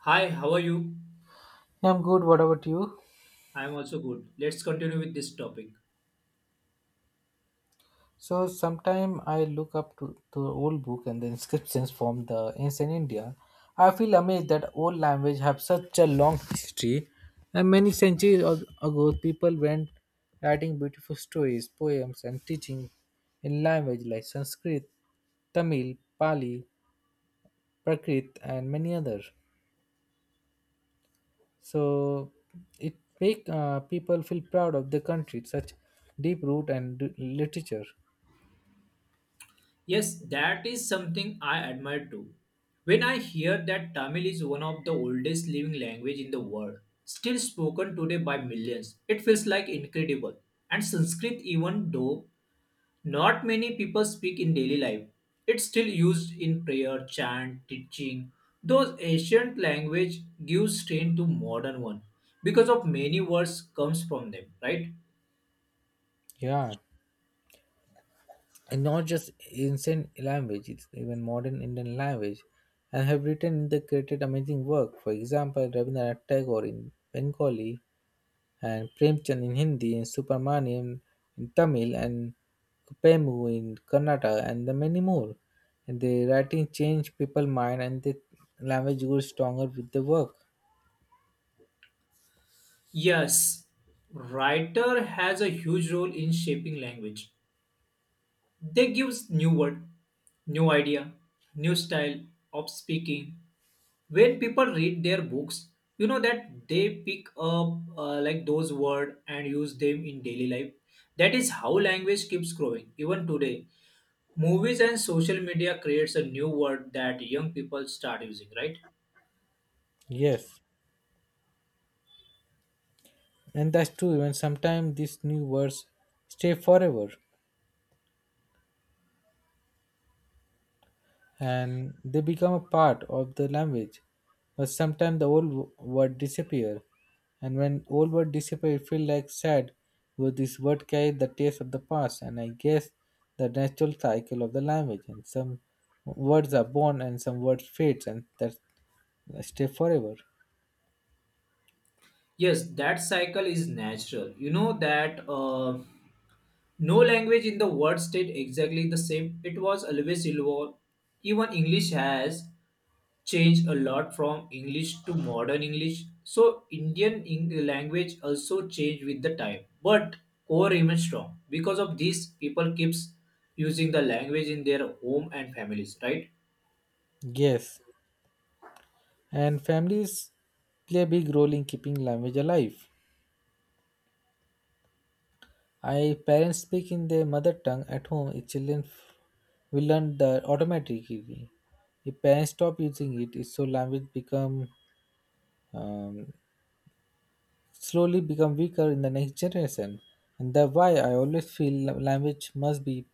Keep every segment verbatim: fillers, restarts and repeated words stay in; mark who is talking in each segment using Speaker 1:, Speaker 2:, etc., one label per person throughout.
Speaker 1: Hi, how are you?
Speaker 2: Yeah, I'm good. What about you?
Speaker 1: I am also good. Let's continue with this topic.
Speaker 2: So sometime I look up to the old book and the inscriptions from the ancient India. I feel amazed that old language have such a long history, and many centuries ag- ago people went writing beautiful stories, poems, and teaching in language like Sanskrit, Tamil, Pali, Prakrit, and many others. So it make uh, people feel proud of the country, such deep root and d- literature.
Speaker 1: Yes, that is something I admire too. When I hear that Tamil is one of the oldest living language in the world, still spoken today by millions, it feels like incredible. And Sanskrit even though not many people speak in daily life, it's still used in prayer, chant, teaching. Those ancient language gives strength to modern one because of many words comes from them, right?
Speaker 2: Yeah. And not just ancient language, it's even modern Indian language, and have written the created amazing work. For example, Rabindranath Tagore in Bengali, and Premchand in Hindi, and Subramaniam in Tamil, and Kupemu in Kannada, and the many more. And the writing changed people's mind, and the language grew stronger with the work.
Speaker 1: Yes, writer has a huge role in shaping language. They gives new word, new idea, new style of speaking. When people read their books, you know that they pick up uh, like those word and use them in daily life. That is how language keeps growing even today. Movies and social media creates a new word that young people start using, right?
Speaker 2: Yes, and that's true. Even sometimes these new words stay forever. And they become a part of the language. But sometimes the old w- word disappear, and when old word disappear, it feel like sad because this word carry the taste of the past, and I guess the natural cycle of the language. And some words are born, and some words fades, and that stay forever.
Speaker 1: Yes, that cycle is natural. You know that uh, no language in the world stayed exactly the same. It was always evolved. Even English has changed a lot from English to modern English. So Indian Eng- language also changed with the time, but core remains strong. Because of this, people keeps using the language in their home and families, right?
Speaker 2: Yes, and families play a big role in keeping language alive. I parents speak in their mother tongue at home. If children f- will learn the automatically. If parents stop using it, it's so language become um, slowly become weaker in the next generation. And that's why I always feel la- language must be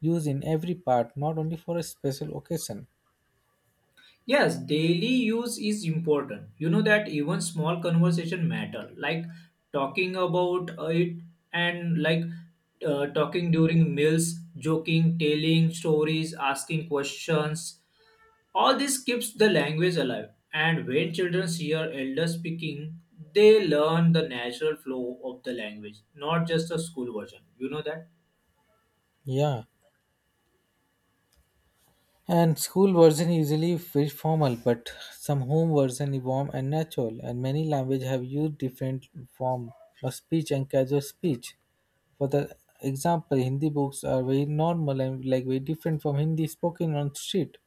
Speaker 2: used in every part, not only for a special occasion.
Speaker 1: Yes, daily use is important. You know that even small conversation matter, like talking about uh, it and like uh, talking during meals, joking, telling stories, asking questions. All this keeps the language alive. And when children hear elders speaking, they learn the natural flow of the language, not just the school version. You know that?
Speaker 2: Yeah. And school version usually very formal, but some home version is warm and natural. And many language have used different form of speech and casual speech. For the example, Hindi books are very normal and like very different from Hindi spoken on street.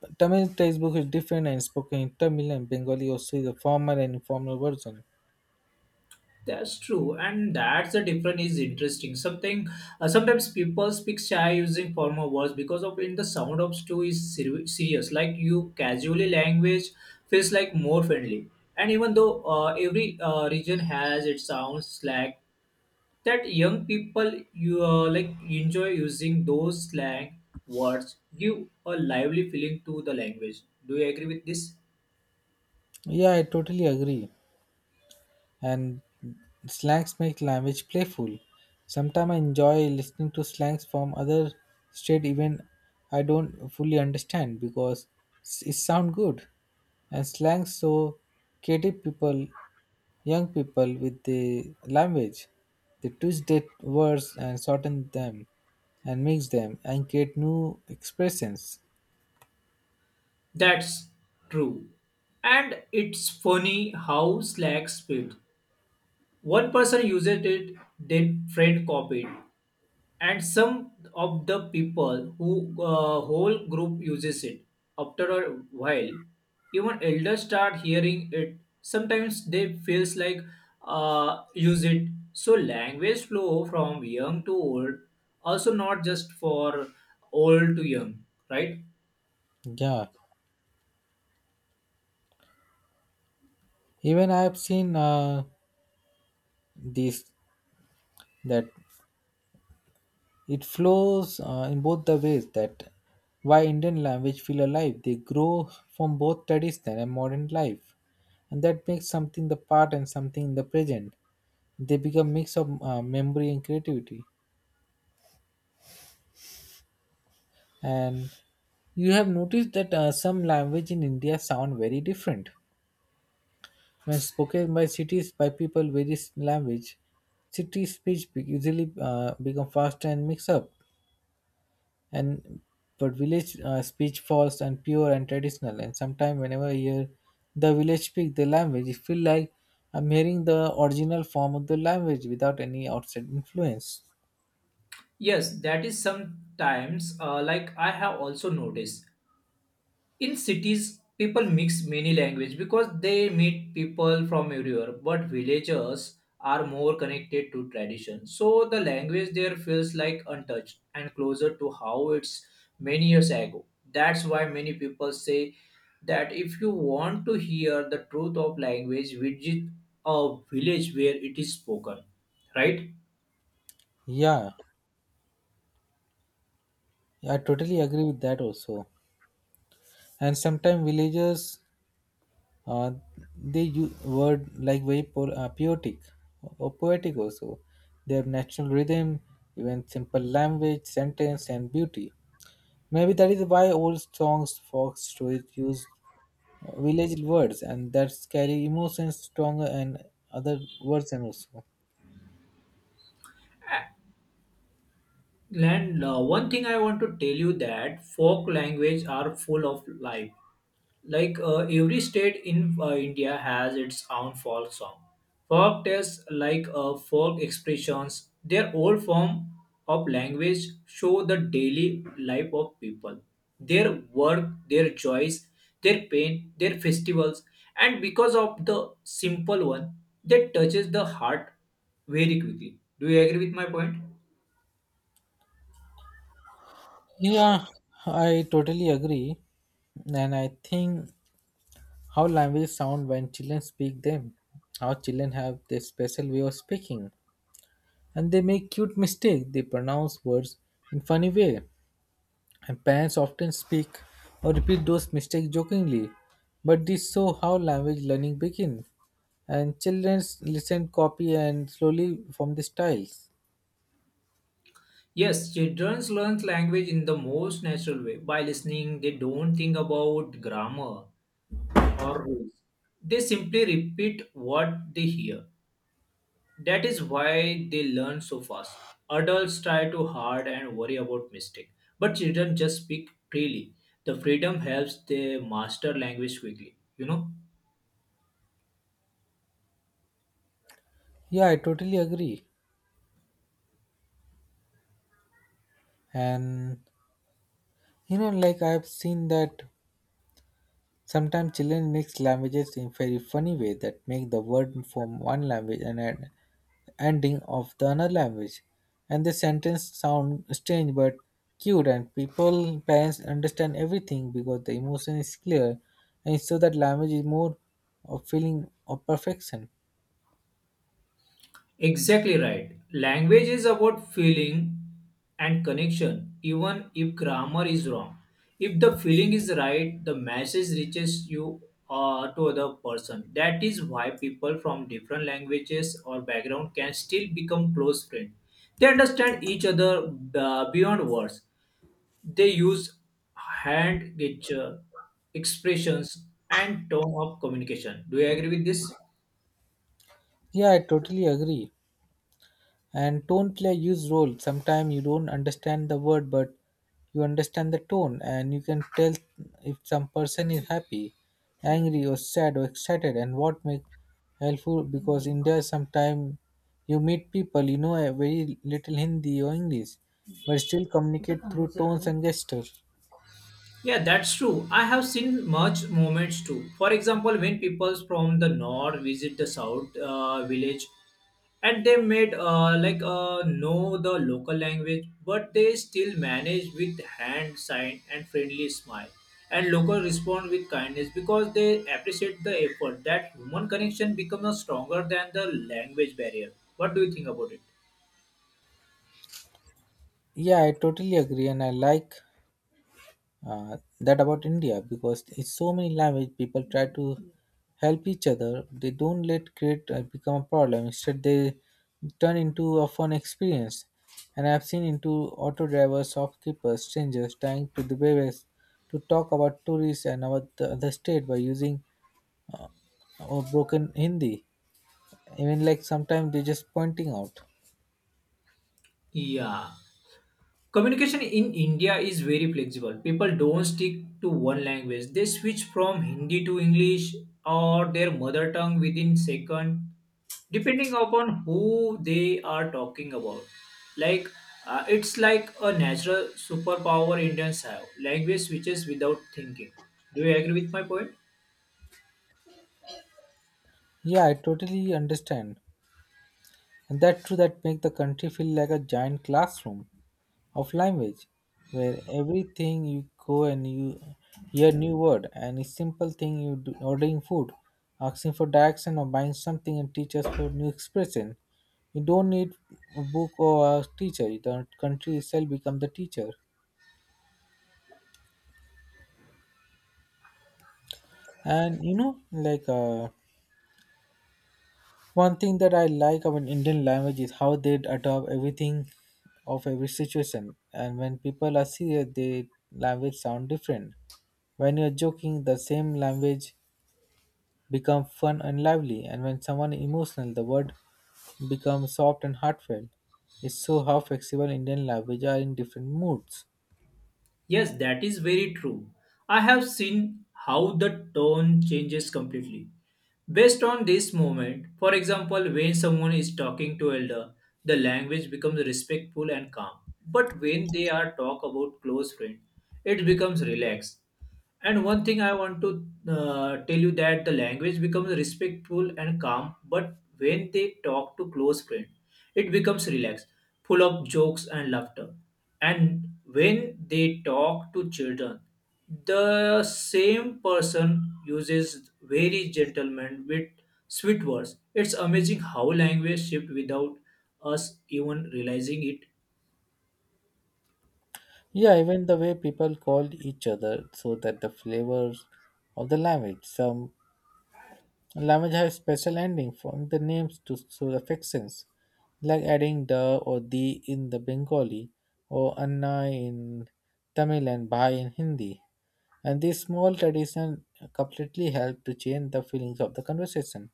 Speaker 2: But Tamil textbook is different and spoken in Tamil and Bengali also is a formal and informal version.
Speaker 1: That's true, and that's the difference is interesting. Something uh, sometimes people speak shy using formal words because of in the sound of stew is ser- serious. Like you casually language feels like more friendly, and even though uh, every uh, region has its sound slang, that young people you uh, like enjoy using those slang words give a lively feeling to the language. Do you agree with this?
Speaker 2: Yeah, I totally agree. And slangs make language playful. Sometimes I enjoy listening to slangs from other state even I don't fully understand because s- it sound good. And slangs so creative people, young people with the language, they twist their words and shorten them and mix them and create new expressions.
Speaker 1: That's true. And it's funny how Slack split. One person uses it, then friend copied. And some of the people who uh, whole group uses it. After a while, even elders start hearing it. Sometimes they feels like uh, use it. So language flow from young to old, also not just for old to young, right?
Speaker 2: Yeah, even I have seen uh, this that it flows uh, in both the ways that why Indian language feel alive. They grow from both traditional and modern life, and that makes something the part and something in the present. They become mix of uh, memory and creativity. And you have noticed that uh, some language in India sound very different when spoken by cities by people various language. City speech be- usually uh, become faster and mix up and but village uh, speech fast and pure and traditional, and sometimes whenever I hear the village speak the language it feel like I'm hearing the original form of the language without any outside influence.
Speaker 1: Yes, that is sometimes uh, like I have also noticed in cities people mix many language because they meet people from everywhere, but villagers are more connected to tradition, so the language there feels like untouched and closer to how it's many years ago. That's why many people say that if you want to hear the truth of language, visit a village where it is spoken, right?
Speaker 2: Yeah, I totally agree with that also. And sometimes villagers, uh, they use word like very po- uh, poetic or poetic also, they have natural rhythm even simple language sentence and beauty. Maybe that is why old songs, folk stories use uh, village words and that carry emotions stronger and other words and also.
Speaker 1: And uh, one thing I want to tell you that folk language are full of life. Like uh, every state in uh, India has its own folk song. Folk tales like uh, folk expressions, their old form of language show the daily life of people, their work, their joys, their pain, their festivals, and because of the simple one, that touches the heart very quickly. Do you agree with my point?
Speaker 2: Yeah, I totally agree. And I think how language sound when children speak them, how children have their special way of speaking. And they make cute mistake. They pronounce words in funny way. And parents often speak or repeat those mistakes jokingly, but this show how language learning begins. And children listen, copy, and slowly form the styles.
Speaker 1: Yes, children learn language in the most natural way. By listening, they don't think about grammar or rules. They simply repeat what they hear. That is why they learn so fast. Adults try too hard and worry about mistake, but children just speak freely. The freedom helps them master language quickly, you know?
Speaker 2: Yeah, I totally agree. And you know, like I've seen that sometimes children mix languages in very funny way that make the word from one language and an ending of the another language, and the sentence sound strange but cute, and people parents understand everything because the emotion is clear, and so that language is more of feeling of perfection.
Speaker 1: Exactly right. Language is about feeling and connection, even if grammar is wrong. If the feeling is right, the message reaches you uh, to other person. That is why people from different languages or background can still become close friends. They understand each other uh, beyond words. They use hand gesture, expressions, and tone of communication. Do you agree with this?
Speaker 2: Yeah, I totally agree. And tone play a huge role, sometimes you don't understand the word but you understand the tone and you can tell if some person is happy, angry or sad or excited, and what make helpful because in there sometimes you meet people you know a very little Hindi or English but still communicate through tones and gestures.
Speaker 1: Yeah, that's true. I have seen much movements too. For example, when people from the north visit the south uh, village, and they made uh, like uh, know the local language, but they still manage with hand sign and friendly smile. And local respond with kindness because they appreciate the effort. That human connection becomes stronger than the language barrier. What do you think about it?
Speaker 2: Yeah, I totally agree. And I like, uh, that about India because it's so many language people try to help each other. They don't let create uh, become a problem. Instead, they turn into a fun experience. And I've seen into auto drivers, shopkeepers, strangers trying to the various to talk about tourists and about the other state by using or broken Hindi. Even like sometimes they're just pointing out.
Speaker 1: Yeah, communication in India is very flexible. People don't stick to one language. They switch from Hindi to English or their mother tongue within second depending upon who they are talking about, like uh, it's like a natural superpower. Indians have language switches without thinking. Do you agree with my point?
Speaker 2: Yeah, I totally understand. And that too that make the country feel like a giant classroom of language where everything you go and you hear new word, and a simple thing you do ordering food, asking for direction or buying something and teach us for new expression. You don't need a book or a teacher, the country itself become the teacher. And you know, like uh, one thing that I like about Indian language is how they adopt everything of every situation, and when people are serious the language sound different, when you're joking the same language become fun and lively, and when someone emotional, the word becomes soft and heartfelt. It's so how flexible Indian language are in different moods.
Speaker 1: Yes, that is very true. I have seen how the tone changes completely. Based on this moment, for example, when someone is talking to elder, the language becomes respectful and calm. But when they are talk about close friend, it becomes relaxed. And one thing I want to uh, tell you that the language becomes respectful and calm, but when they talk to close friend, it becomes relaxed, full of jokes and laughter. And when they talk to children, the same person uses very gentleman with sweet words. It's amazing how language shift without us even realizing it.
Speaker 2: Yeah, even the way people call each other so that the flavors of the language. Some language has special ending from the names to, to the fictions, like adding the or the in the Bengali, or Anna in Tamil and Bhai in Hindi. And this small tradition completely help to change the feelings of the conversation.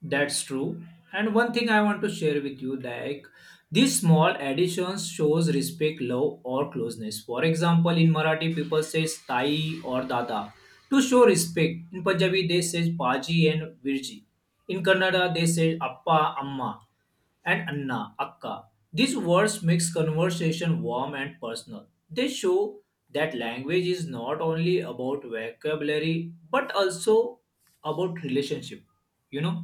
Speaker 1: That's true. And one thing I want to share with you, like these small additions shows respect, love, or closeness. For example, in Marathi, people say "tai" or "dada" to show respect. In Punjabi, they say "paji" and "virji." In Kannada, they say "appa," "amma," and "anna," "akka." These words makes conversation warm and personal. They show that language is not only about vocabulary but also about relationship. You know.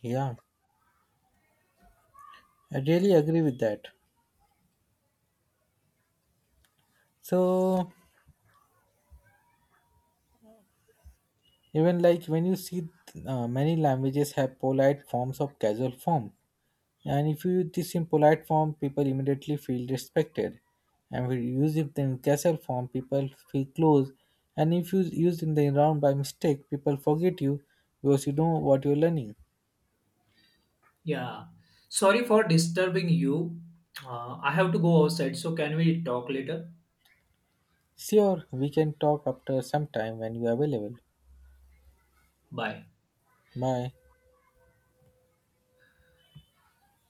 Speaker 2: Yeah, I really agree with that. So even like when you see, uh, many languages have polite forms of casual form. And if you use this in polite form, people immediately feel respected. And if you use it in casual form, people feel close. And if you use in the round by mistake, people forget you because you know what you're learning.
Speaker 1: Yeah. Sorry for disturbing you. Uh, I have to go outside, so can we talk later?
Speaker 2: Sure, we can talk after some time when you are available.
Speaker 1: Bye.
Speaker 2: Bye.